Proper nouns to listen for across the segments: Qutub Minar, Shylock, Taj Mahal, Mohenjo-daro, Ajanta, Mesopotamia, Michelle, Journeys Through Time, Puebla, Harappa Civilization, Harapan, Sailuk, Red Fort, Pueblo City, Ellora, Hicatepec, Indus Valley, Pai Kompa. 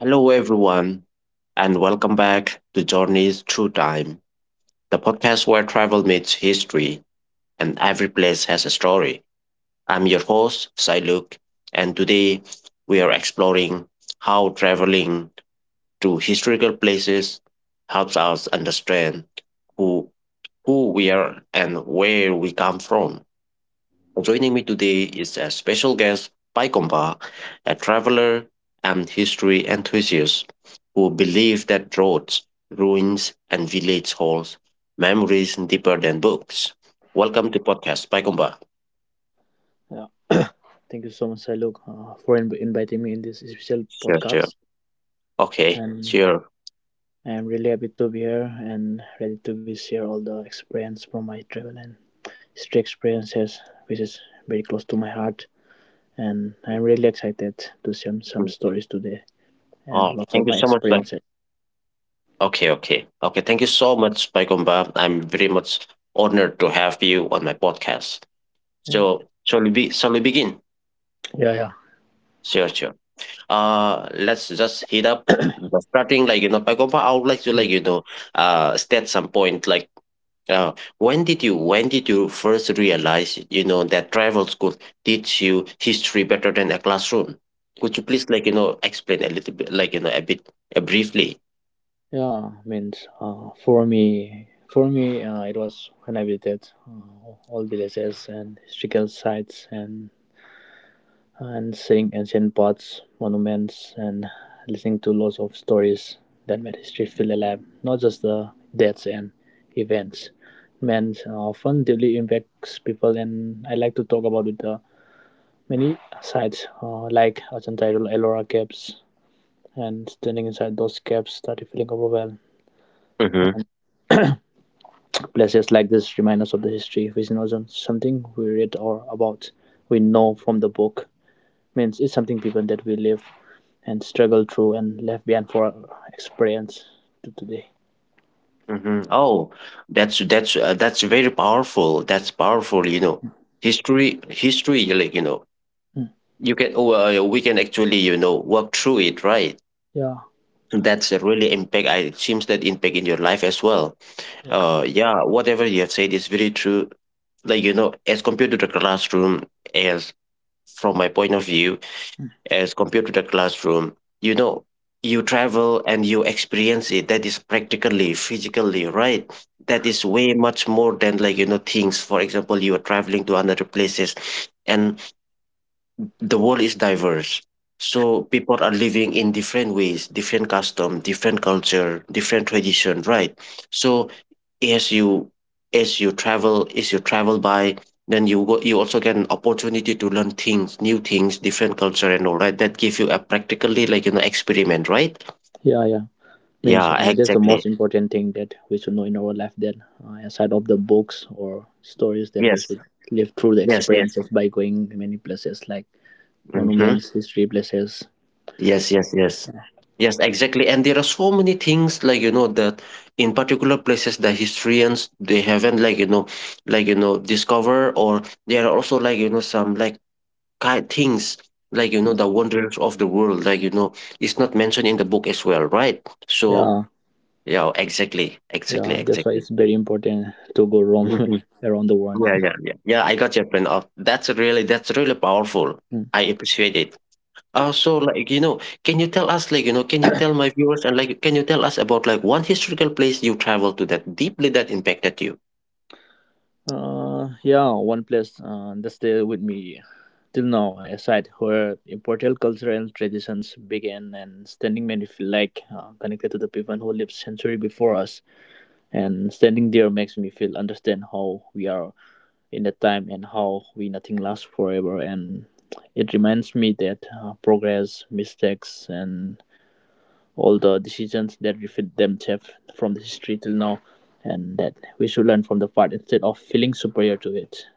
Hello, everyone, and welcome back to Journeys Through Time, the podcast where travel meets history and every place has a story. I'm your host, Sailuk, and today we are exploring how traveling to historical places helps us understand who, who we are and where we come from. Joining me today is a special guest, Pai Kompa, a traveler and history enthusiast who believes that roads, ruins, and village holds memories deeper than books. Welcome to podcast, Pai Kompa. Yeah, thank you so much, Sailuk, for inviting me in this special Sure, sure. podcast. Okay, And sure. I'm really happy to be here and ready to be share all the experience from my travel and street experiences, which is very close to my heart. And I'm really excited to share some Mm. stories today and Oh, lots of thank you my so much, Pai. experiences. Okay, okay, okay. Thank you so much, Pai Kompa. I'm very much honored to have you on my podcast. Yeah, So, shall we be? Shall we begin? yeah, yeah. Sure, sure. Let's just hit up the starting, like Pagova, I would like to, Mm. like state some point, like uh when did you first realize, that travel school teach you history better than a classroom? Could you please, like explain a little bit, like a bit, briefly? Yeah, means for me, it was when I visited all villages and historical sites and seeing ancient paths, monuments, and listening to lots of stories that made history feel alive, not just the dates and events. Man, often deeply impacts people, and I like to talk about it. Many sites like Ajanta Ellora Caves, and standing inside those caves started feeling overwhelmed. Hmm. Places like this remind us of the history, which is not something we read or about. We know from the book, means it's something people that we live and struggle through and left behind for experience to today. Hmm. Oh, that's very powerful. That's powerful. History, like Mm. you can — we can actually, work through it, right? Yeah, That's a really impact. It seems that impact in your life as well. yeah, Yeah, whatever you have said is very true. As compared to the classroom, as from my point of view, as compared to the classroom, you know, you travel and you experience it. That is practically, physically, right? That is way much more than, like things. For example, you are traveling to another places, and the world is diverse, so people are living in different ways, different custom, different culture, different tradition, right? So as you as you travel by, then you go, you also get an opportunity to learn things, new things, different culture, and all right, that give you a practically, like experiment, right? yeah. Means Yeah, that's the most exactly. important thing that we should know in our life. That aside of the books or stories, that we Yes, should live through the yes, yes. experiences by going many places like Hmm. monuments, history places. Yes, yes, yes. Yes, exactly. And there are so many things, like that in particular places the historians, they haven't, like like discover, or there are also, like some, like kind things, like Mm. the wonders of the world, like it's not mentioned in the book as well, right? So Yeah, yeah, exactly, exactly, yeah. That's why exactly. it's very important to go roam Mhm. around the world. Yeah, yeah, yeah. Yeah, I got your point. Oh, that's really powerful. Mm. I appreciate it. Oh, so, like, can you tell us, like, can you tell my viewers, and, like, can you tell us about, like, one historical place you traveled to that deeply that impacted you? Yeah, one place that stay with me till now, a site where important cultural traditions began and standing made me feel like connected to the people who lived century before us. And standing there makes me feel understand how we are in that time and how we nothing lasts forever. And it reminds me that progress, mistakes, and all the decisions that reflect themselves from the history till now, and that we should learn from the part instead of feeling superior to it.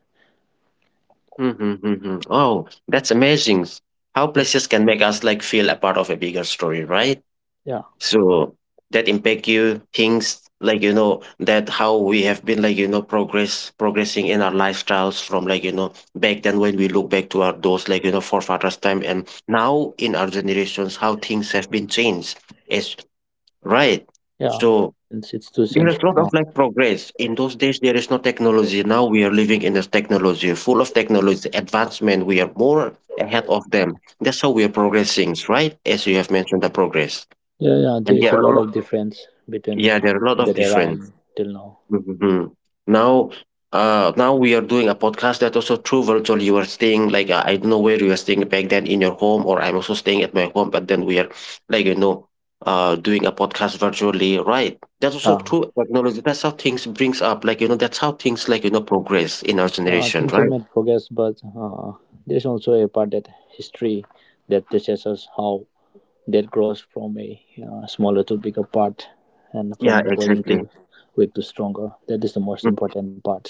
Mhm, mhm. Oh, that's amazing. How places can make us, like, feel a part of a bigger story, right? Yeah, So that impact you, things, like, that how we have been, like, progressing in our lifestyles from, like, back then, when we look back to our those, like, forefathers' time, and now in our generations, how things have been changed. As Right. yeah, So and institutions there's a lot of, now. like, progress. In those days, there is no technology. Now we are living in this technology, full of technology, advancement. We are more ahead of them. That's how we are progressing, right? As you have mentioned, the progress. Yeah, yeah, And there is there a are a lot lot, of difference between yeah, there are a lot of that era different — and till now. Mhm. Now, now we are doing a podcast, that also through virtual. You are staying, like I don't know where you are staying, back then in your home, or I'm also staying at my home. But then we are, like doing a podcast virtually, right? That's also Uh, true technology. That's how things brings up. That's how things, like progress in our yeah, generation, things are right? made progress, but there's also a part that history that teaches us how that grows from a smaller to bigger part and Yeah, from going exactly. to weak to stronger. That is the most important part.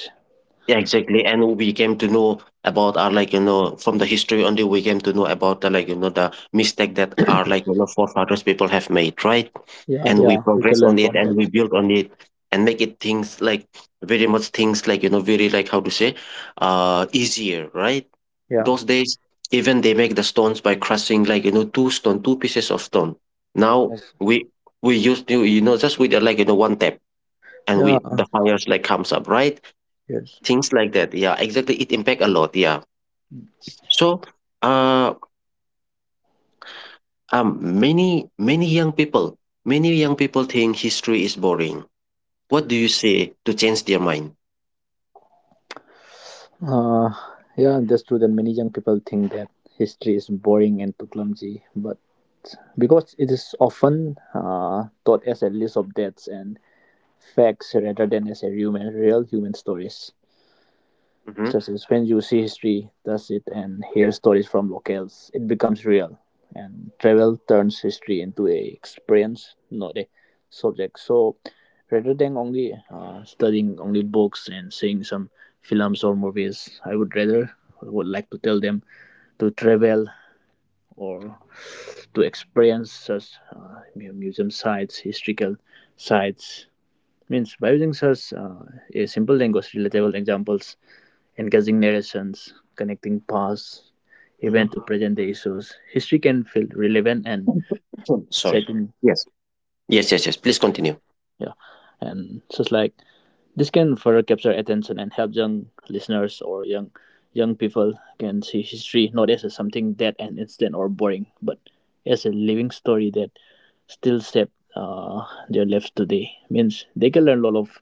Yeah, exactly. And we came to know about our, like from the history only we came to know about the, like the mistake that our, like forefathers people have made, right? Yeah, And we yeah, we can progress learn on it, from and that. we build on it, and make it things like very much things, like very, like how to say, easier, right? Yeah, Those days, even they make the stones by crushing, like two stone, two pieces of stone. Now yes, we use, just with, like one tap, and we yeah, the fires like comes up, right? yes. Things like that. Yeah, exactly. It impact a lot. Yeah. So, uh, many young people, many young people think history is boring. What do you say to change their mind? Uh, yeah, that's true that many young people think that history is boring and too clumsy, but because it is often taught as a list of dates and facts rather than as a human, real human stories. Hmm. Such as when you see history, touch it, and hear stories from locals, it becomes real. And travel turns history into a experience, not a subject. So rather than only studying only books and seeing some films or movies, I would like to tell them to travel or to experience such museum sites, historical sites. Means by using such a simple language, relatable examples engaging narrations, connecting past event Hmm. to present day issues. History can feel relevant and Sorry. exciting. Yes. Yes. Yes. Yes. Please continue. Yeah, and just like this can further capture attention and help young listeners or young people can see history not as something dead and instant or boring, but as a living story that still shape their lives today. Means they can learn a lot of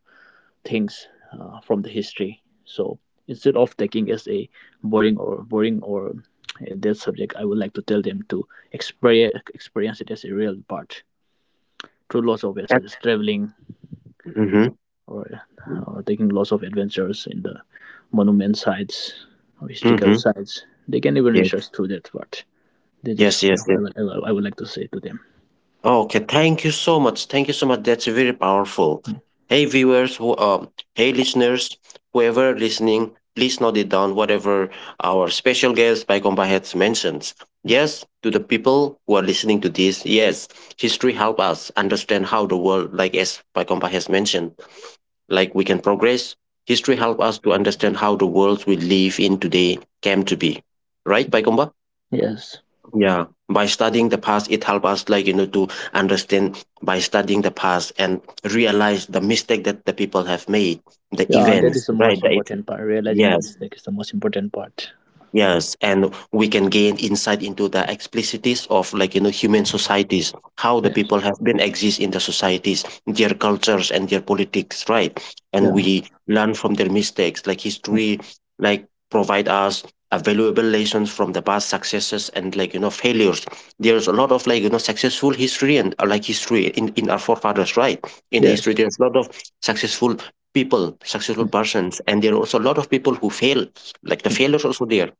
things from the history. So instead of taking as a boring or a dead subject, I would like to tell them to experience it as a real part through lots of ways such as traveling Mm-hmm. or, or taking lots of adventures in the monument sites or historical Mm-hmm. sites. They can even Yes. research through that part. That is Yes. what Yes. Yes. I would like to say to them. Okay, thank you so much. Thank you so much. That's very powerful. Hey viewers, who hey listeners, whoever listening, please note it down. Whatever our special guest by has mentioned, yes, to the people who are listening to this, yes, history help us understand how the world, like as by has mentioned, like we can progress. History help us to understand how the world we live in today came to be. Right, by, Yes. yeah, by studying the past, it helps us, like to understand, by studying the past and realize the mistake that the people have made, the Yeah, that events, is the right, most important part. Realizing the yes. mistake is the most important part. Yes, and we can gain insight into the explicities of, like human societies, how the Yes. people have been exist in the societies, their cultures and their politics, right? And Yeah. we learn from their mistakes, like history, like provide us a valuable lessons from the past successes and, like failures. There's a lot of, like successful history and, like history in our forefathers, right? In the history, Yes. there's a lot of successful people, successful persons, and there are also a lot of people who fail, like the Mm, mm, failures also there.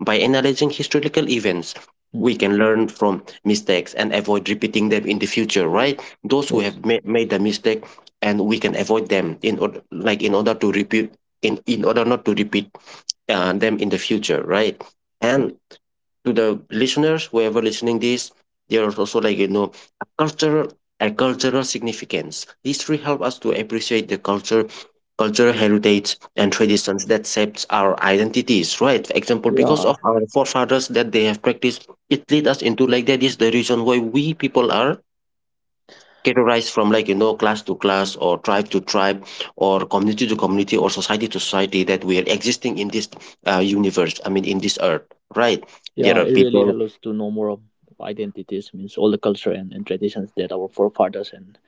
By analyzing historical events, mm. we can learn from mistakes and avoid repeating them in the future, right? Those who Yes, have made the mistake, and we can avoid them in order, like in order to repeat in order not to repeat, them in the future, right? yes. And to the listeners whoever listening this, there are also, like a cultural a cultural significance. History help us to appreciate the culture cultural heritage and traditions that shapes our identities, right? For example, because Yeah, of our forefathers that they have practiced it, lead us into, like, that is the reason why we people are categorized from, like class to class, or tribe to tribe, or community to community, or society to society, that we are existing in this, universe, I mean in this earth, right? There yeah. are It really people — helps to know more of identities, means all the culture and traditions that our forefathers and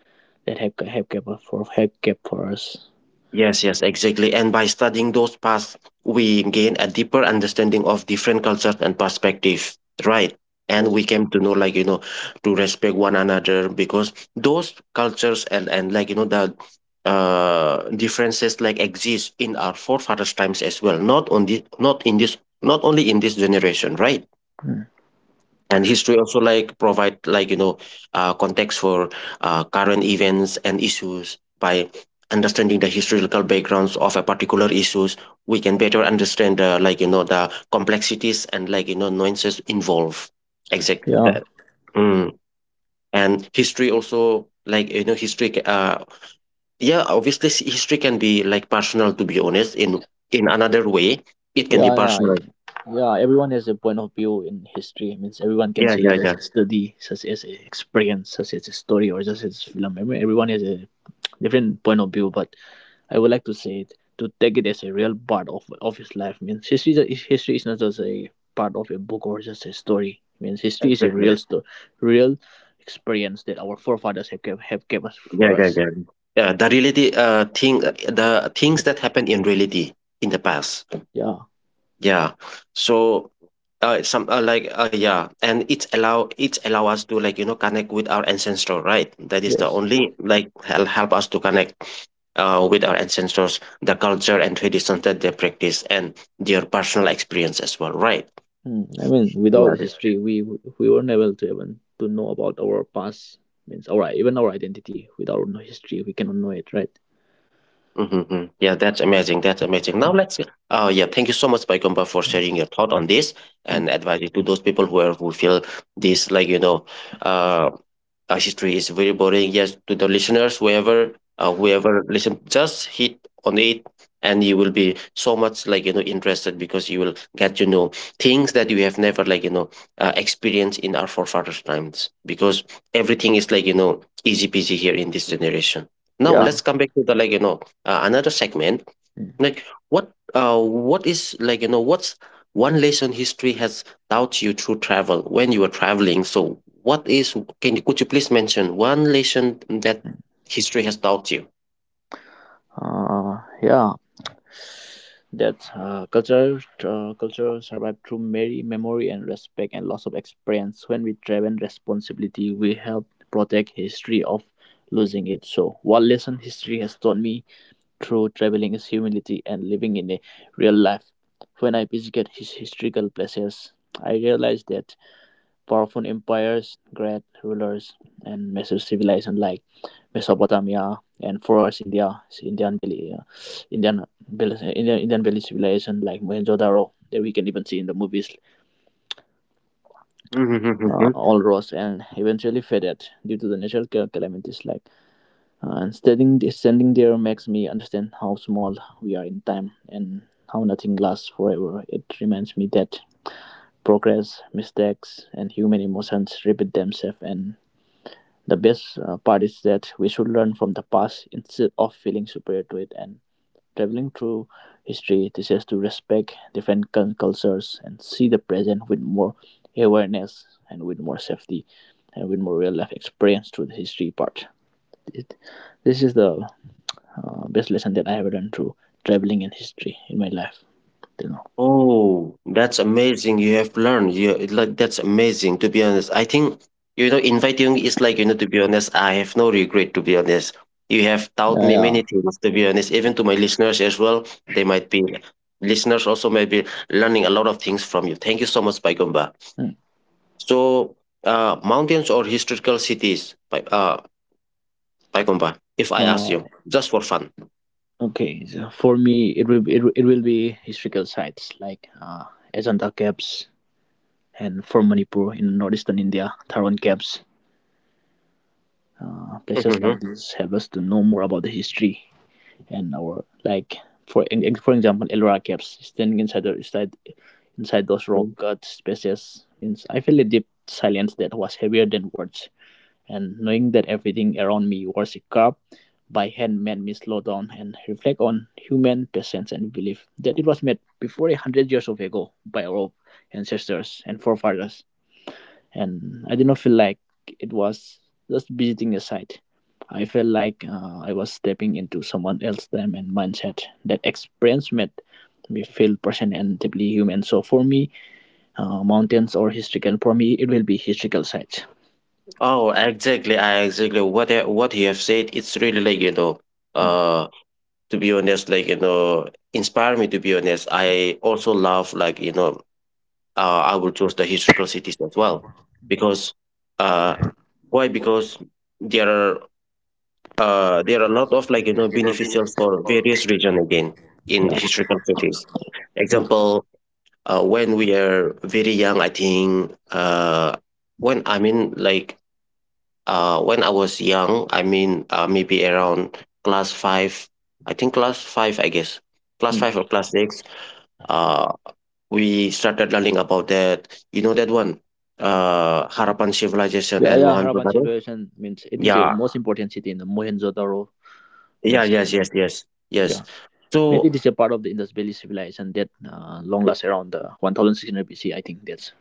that have kept us for have kept for us. yes, yes, exactly. And by studying those paths, we gain a deeper understanding of different cultures and perspectives, right? And Yes. we came to know, like, to respect one another, because those cultures and, like, the differences like exist in our forefathers' times as well, not on the, not in this, not only in this generation, right? Mm. And history also, like provide, like context for, current events and issues. By understanding the historical backgrounds of a particular issues, we can better understand, like the complexities and, like nuances involved, exact Yeah, that. Mm. And history also, like history yeah, obviously history can be like personal, to be honest. In another way, it can be yeah, yeah, personal. yeah. Yeah, everyone has a point of view in history. It means everyone can Yeah, say it yeah, as yeah, a study, such as a experience, such as a story, or just as film. Everyone has a different point of view, but I would like to say it to take it as a real part of his life. Means history is not just a part of a book or just a story. Means history is a exactly. real story, real experience that our forefathers have kept us for Yeah, yeah, us. yeah. Yeah, the things that happened in reality in the past. Yeah. Yeah, so, it's some, like, yeah, and it's allow us to, like connect with our ancestor, right? That is the Yes. only, like help us to connect, with our ancestors, the culture and traditions that they practice, and their personal experience as well, right? Hmm. I mean, without history, we weren't able to even to know about our past. Means our even our identity. Without no history, we cannot know it, right? Mhm, mhm. Yeah, that's amazing. That's amazing. Now let's — yeah, thank you so much, Paigomba, for sharing your thought on this, Hmm. and advising to those people who are who feel this, like uh, history is very boring. Yes, to the listeners, whoever listen, just hit on it, and you will be so much, like interested, because you will get to know things that you have never, like experienced in our forefathers' times. Because everything is, like easy peasy here in this generation. Now Yeah. let's come back to the, like another segment, Hmm. like what is like you know what's one lesson history has taught you through travel when you were traveling? So what is can you could you please mention one lesson that history has taught you? Yeah, that culture culture survive through memory, memory and respect and loss of experience. When we travel responsibility, we help protect history of losing it. So, what lesson history has taught me through traveling is humility and living in a real life. When I visited his historical places, I realized that powerful empires, great rulers, and massive civilization like Mesopotamia and for us India, so Indian Valley, Indian Valley civilization like Mohenjo-daro that we can even see in the movies. All rose and eventually faded due to the natural calamities. Like and standing there makes me understand how small we are in time and how nothing lasts forever. It reminds me that progress, mistakes, and human emotions repeat themselves and the best part is that we should learn from the past instead of feeling superior to it. And traveling through history teaches us to respect different cultures and see the present with more awareness and with more safety and with more real life experience through the history part. It, this is the best lesson that I have learned through traveling and history in my life till now. Oh, that's amazing. You have learned. You it like that's amazing, to be honest. I think inviting is, to be honest, I have no regret, to be honest. You have taught me Yeah, many things, to be honest, even to my listeners as well. They might be listeners also may be learning a lot of things from you. Thank you so much, Paigomba. yeah. So mountains or historical cities, Paigomba, if I ask Mm. you, just for fun. Okay, so for me, it will be historical sites like Ajanta Caves and for Manipur in northeastern India, Taran camps. Places Mm-hmm. like this help us to know more about the history and our like for for example Ellora camps standing inside inside those rock cut spaces means I feel a deep silence that was heavier than words and knowing that everything around me was a cup by hand made me slow down and reflect on human patience and belief that it was made before 100 years of ago by our ancestors and forefathers and I did not feel like it was just visiting a site. I felt like I was stepping into someone else's time and mindset. That experience made me feel person and deeply human. So for me, for me it will be historical sites. Oh, exactly. I exactly what I- What you have said, it's really Mm. uh, to be honest, inspire me. To be honest, I also love, I will choose the historical cities as well because, uh, why? Because there are there are a lot of beneficials for Yeah, various region again in historical cities. yeah, Example, when we are very young, I think when I mean like when I was young, I mean, maybe around class five, I think class five, I guess, class mm. five or class six, uh, we started learning about that. You know that one, Harapan Civilization Yeah, and yeah. Harapan Mohenjo-daro. civilization means it is the Yeah, most important city in the Mohenjo-daro. yeah, Means yes, yes, yes, yes. yeah, maybe it So, is a part of the Indus Valley civilization that long lasts around the 1600 BC. I think that's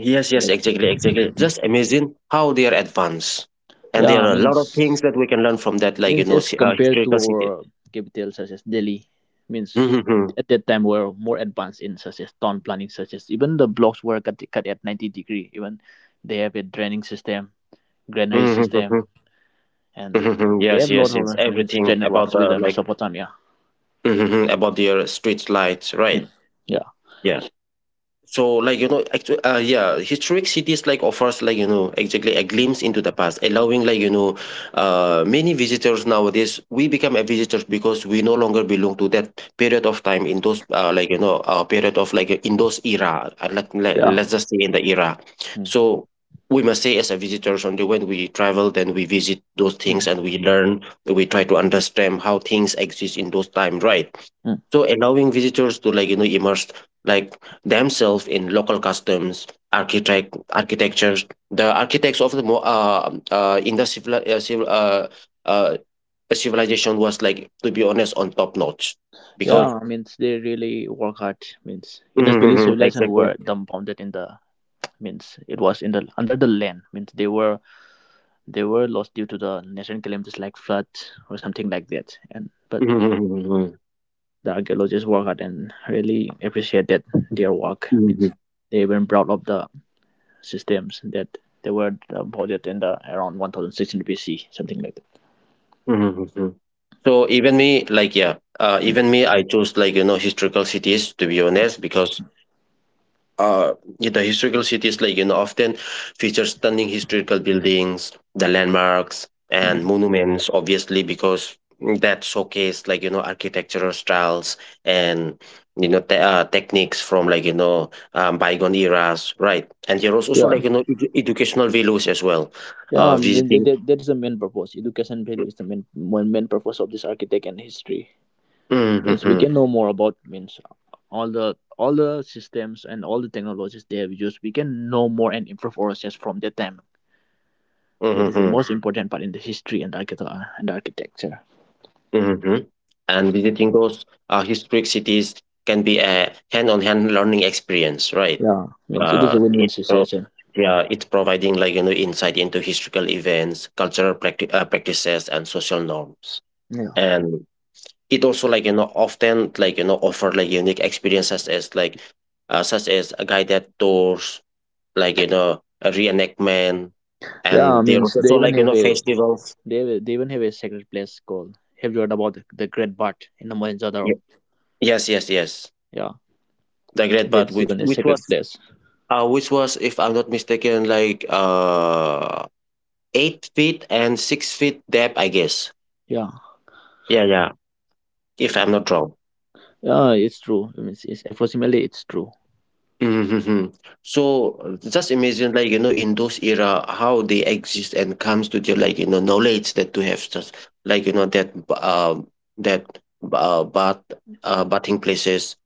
yes, yes, exactly, exactly. Just amazing how they are advanced, and there yeah, are a lot of things means that we can learn from that, means as compared to historical city. our capital such as Delhi, means at that time we're more advanced in such as town planning, such as even the blocks were cut at 90 degree. Even they have a draining system, granary system, and Mhm, they yes, have a lot yes, of yes. Means drain Everything about networks with the Mesopotamia. About your street lights, right? Hmm. Yeah, Yeah. So, yeah, historic cities offers exactly a glimpse into the past, allowing many visitors nowadays. We become a visitors because we no longer belong to that period of time in those period of in those era. Yeah. Let's just say in the era. Hmm. So we must say as a visitors only when we travel, then we visit those things Hmm. and we learn. We try to understand how things exist in those time, right? Mm. So allowing visitors to immerse like themselves in local customs, architectures. The architects of the mo- in the civil civil uh civilization was, like to be honest, on top notch because Yeah, means they really work hard. Means in the Valley Mhm, civilization exactly. were dumbfounded in the means it was in the under the land. Means they were they were lost due to the natural calamities like floods or something like that. And but Mhm, the archaeologists work hard and really appreciate that their work. Means mhm. they even brought up the systems that they were in the around 1600 BC, something like that. Mhm. So even me, even Mm. me, I chose historical cities, to be honest, because uh, the historical cities often feature stunning historical buildings, the landmarks and Mm. monuments, obviously because that showcase architectural styles and techniques from bygone eras, right? And there was also Yeah. Edu- educational values as well. Yeah, I mean, Visiting that is the main purpose. Education value is the main purpose of this architect and history. Means we Hmm. can know more about means all the systems and all the technologies they have used. We can know more and improve ourselves from that time that is the Hmm. most important part in the history and architecture. And architecture. Hmm. And visiting those historic cities can be a hand-on-hand learning experience, right? Yeah, means it is uh, a win-win it pro- situation. yeah, it's providing insight into historical events, cultural practices, and social norms. Yeah, And it also like you know often like you know offer unique experiences as like such as a guided tours, a reenactment, yeah, and there means was they also even have a festivals. they even have a sacred place called. Have you heard about the Great Bat in the Mohenjo-daro? Ye- Yes, yes, yes. Yeah, The Great that Bat, is even a sacred place. Which was, if I'm not mistaken, 8 feet and 6 feet depth, I guess. Yeah, Yeah, yeah. If I'm not wrong. yeah, it's true. I mean, it's approximately it's true. Mm-hmm. So just imagine, in those era, how they exist and comes to the knowledge that to have just like you know that that bath bathing places,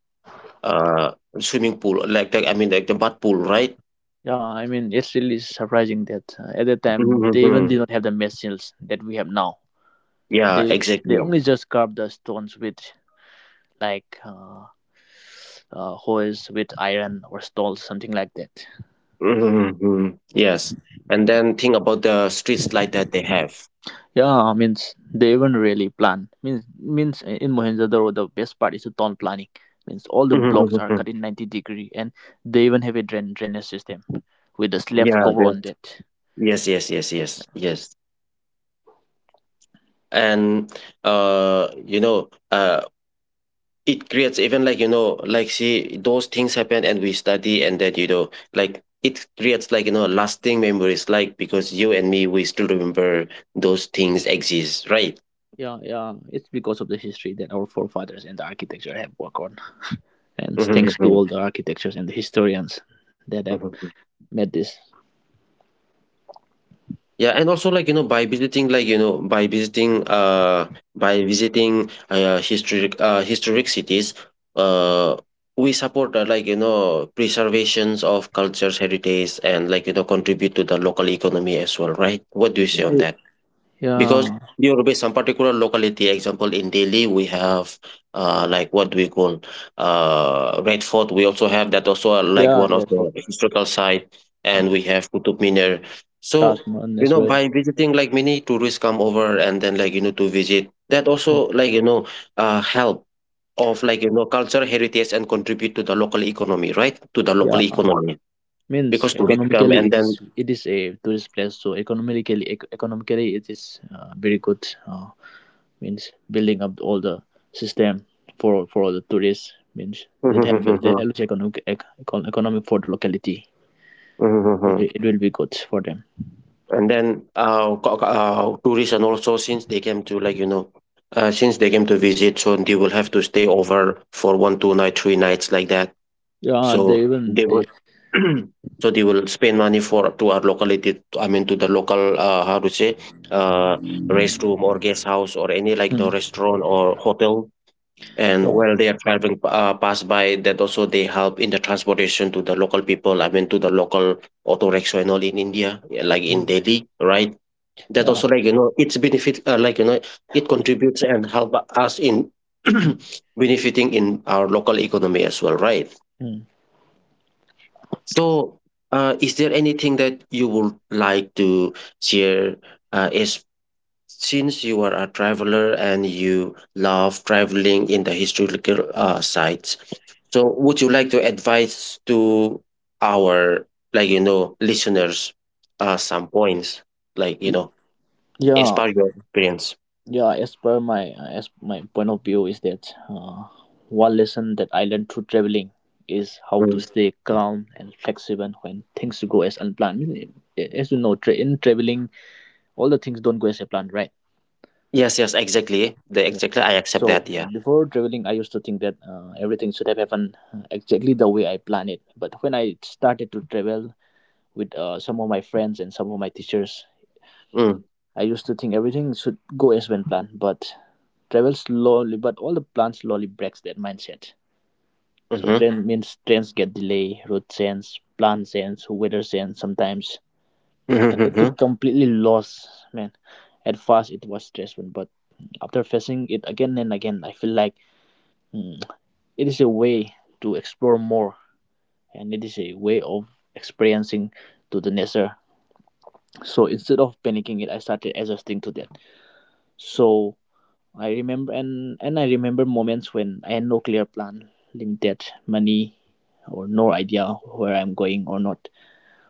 uh, swimming pool, I mean, like the bath pool, right? Yeah, I mean, it's really surprising that at that time they even Mm-hmm. did not have the machines that we have now. Yeah, They they exactly. only just carved the stones with like uh, hoes with iron or stones, something like that. Mm-hmm. Yes, and then think about the streets light that they have. Yeah, means they even really plan. Means in Mohenjo-daro the best part is the town planning. Means all the blocks are Mm-hmm. cut in 90 degree, and they even have a drainage system with the slab Yeah. cover on that. Yes. Yes. Yes. Yes. Yes. And uh you know uh it creates even see those things happen and we study, and that you know like it creates lasting memories, like because you and me, we still remember those things exist, right? Yeah, yeah, it's because of the history that our forefathers and the architecture have worked on, and Mhm, thanks to mhm, all the architectures and the historians that have mhm. made this. Yeah, and also like you know by visiting like you know by visiting historic cities, uh we support, preservations of cultures heritage, and contribute to the local economy as well, right? What do you say on Yeah, that? Because yeah, there will be some particular locality. Example, in Delhi, we have like what we call, Red Fort. We also have that, also are like yeah, one of Redford. the historical site, Mm. and we have Qutub Minar. Taj So Mahal you as know, well. Mm. by visiting, like many tourists come over and then to visit. That also help of cultural heritage and contribute to the local economy, right? To the local Yeah, economy means because tourists come economically and it is then. it is a tourist place. So economically, economically it is very good. Means building up all the system for all the tourists means that that helps economic economic for the locality. So it will be good for them. And then tourists, and also since they came to since they came to visit, so they will have to stay over for 1 2 night 3 nights, like that, Yeah, so they they even will they. so they will spend money for to our locality, I mean to the local, how to say, uh restroom or guest house or any like the Mm, restaurant or hotel. And yeah, while they are traveling, pass by, that also they help in the transportation to the local people, I mean to the local auto rickshaw and all in India, yeah, like in mm, Delhi, right? That also yeah, its benefit, it contributes and help us in mm, benefiting in our local economy as well, right? mm, So is there anything that you would like to share, is since you are a traveler and you love traveling in the historical sites, so would you like to advise to our listeners some points like you know as yeah. part of your experience? Yeah, as per my as my point of view is that, one lesson that I learned through traveling is how to Mm. stay calm and flexible when things go as unplanned. As you know, in traveling, all the things don't go as planned, right? Yes, yes, exactly. The Yeah. exactly, I accept So that, yeah. Before traveling, I used to think that everything should have happened exactly the way I planned it. But when I started to travel with some of my friends and some of my teachers, Mm, I used to think everything should go as one plan, but travel slowly, but all the plans slowly breaks that mindset. So mhm, trains get delay, route change, plan change, weather change sometimes. And mhm, it felt mhm, completely lost, man. At first it was stressful, but after facing it again and again, I feel like it is a way to explore more, and it is a way of experiencing to the nature. So instead of panicking it, I started adjusting to that. So I remember, and I remember moments when I had no clear plan, limited money, or no idea where I'm going or not,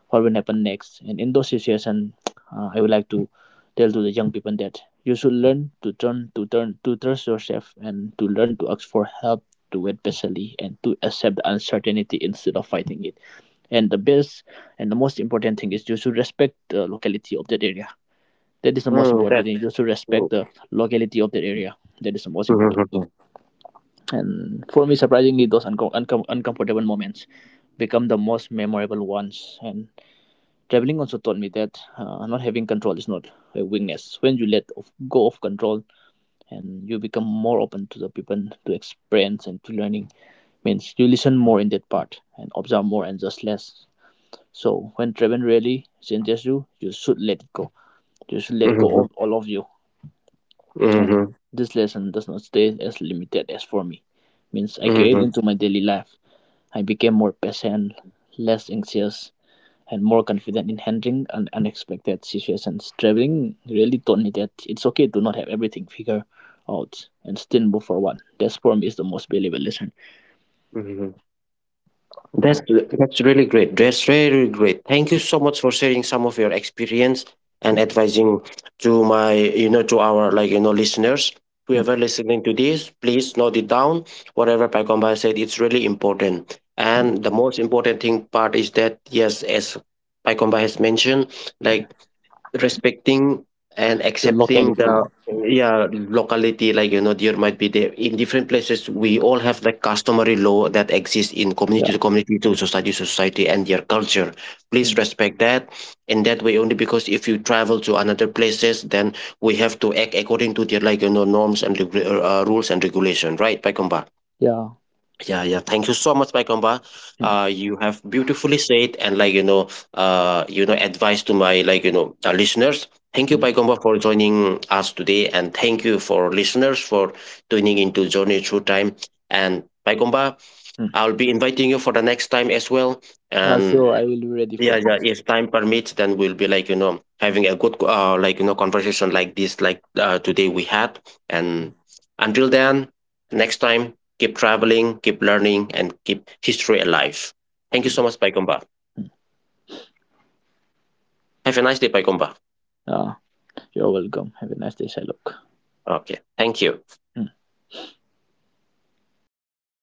what will happen next. And in those situations, I would like to tell to the young people that you should learn to turn to trust yourself and to learn to ask for help, to wait patiently, and to accept the uncertainty instead of fighting it. And the best and the most important thing is you should respect the locality of that area. That is the most mm, important that thing, just to mm, respect the locality of the area. That is the most important thing. mhm, And for me, surprisingly, those uncomfortable moments become the most memorable ones, and traveling also taught me that, not having control is not a weakness. When you go of control, and you become more open to the people, to experience, and to learning. Means you listen more in that part and observe more and just less. So when traveling really changes you, you should let it go. You should let go mhm, of all of you. mhm, And this lesson does not stay as limited as for me. Means I carried mhm, into my daily life. I became more patient, less anxious, and more confident in handling unexpected situations. Traveling really taught me that it's okay to not have everything figured out and still move forward. That for me is the most valuable lesson. mhm. That's really great. That's really great. Thank you so much for sharing some of your experience and Mm, advising to my, you know, to our listeners. Whoever mm. listening to this, please note it down. Whatever Pagomba said, it's really important. And the most important thing part is that, yes, as Pagomba has mentioned, like respecting and The accepting the locality. yeah locality, there might be, there in different places we all have like customary law that exists in community Yeah. to community, to society to society, and their culture. Mm. Please respect that, in that way only, because if you travel to another places, then we have to act according to their norms and rules and regulation, right, Paikomba? Yeah. Yeah, yeah. Thank you so much, Paikomba. Mm, You have beautifully said and advice to my listeners. Thank you, mm, Paikomba, for joining us today, and thank you for listeners for tuning into Journey Through Time. And Paikomba, mm. I'll be inviting you for the next time as well. And So I will be ready for yeah, the yeah. next If time permits, then we'll be, like, you know, having a good, conversation like this, like today we had. time. And until then, next time, keep traveling, keep learning, and keep history alive. Thank you Okay. so much, Paikomba. Have a nice day, Paikomba. Uh, you're welcome. Have a nice day, Shylock. Okay. Thank you. Mm.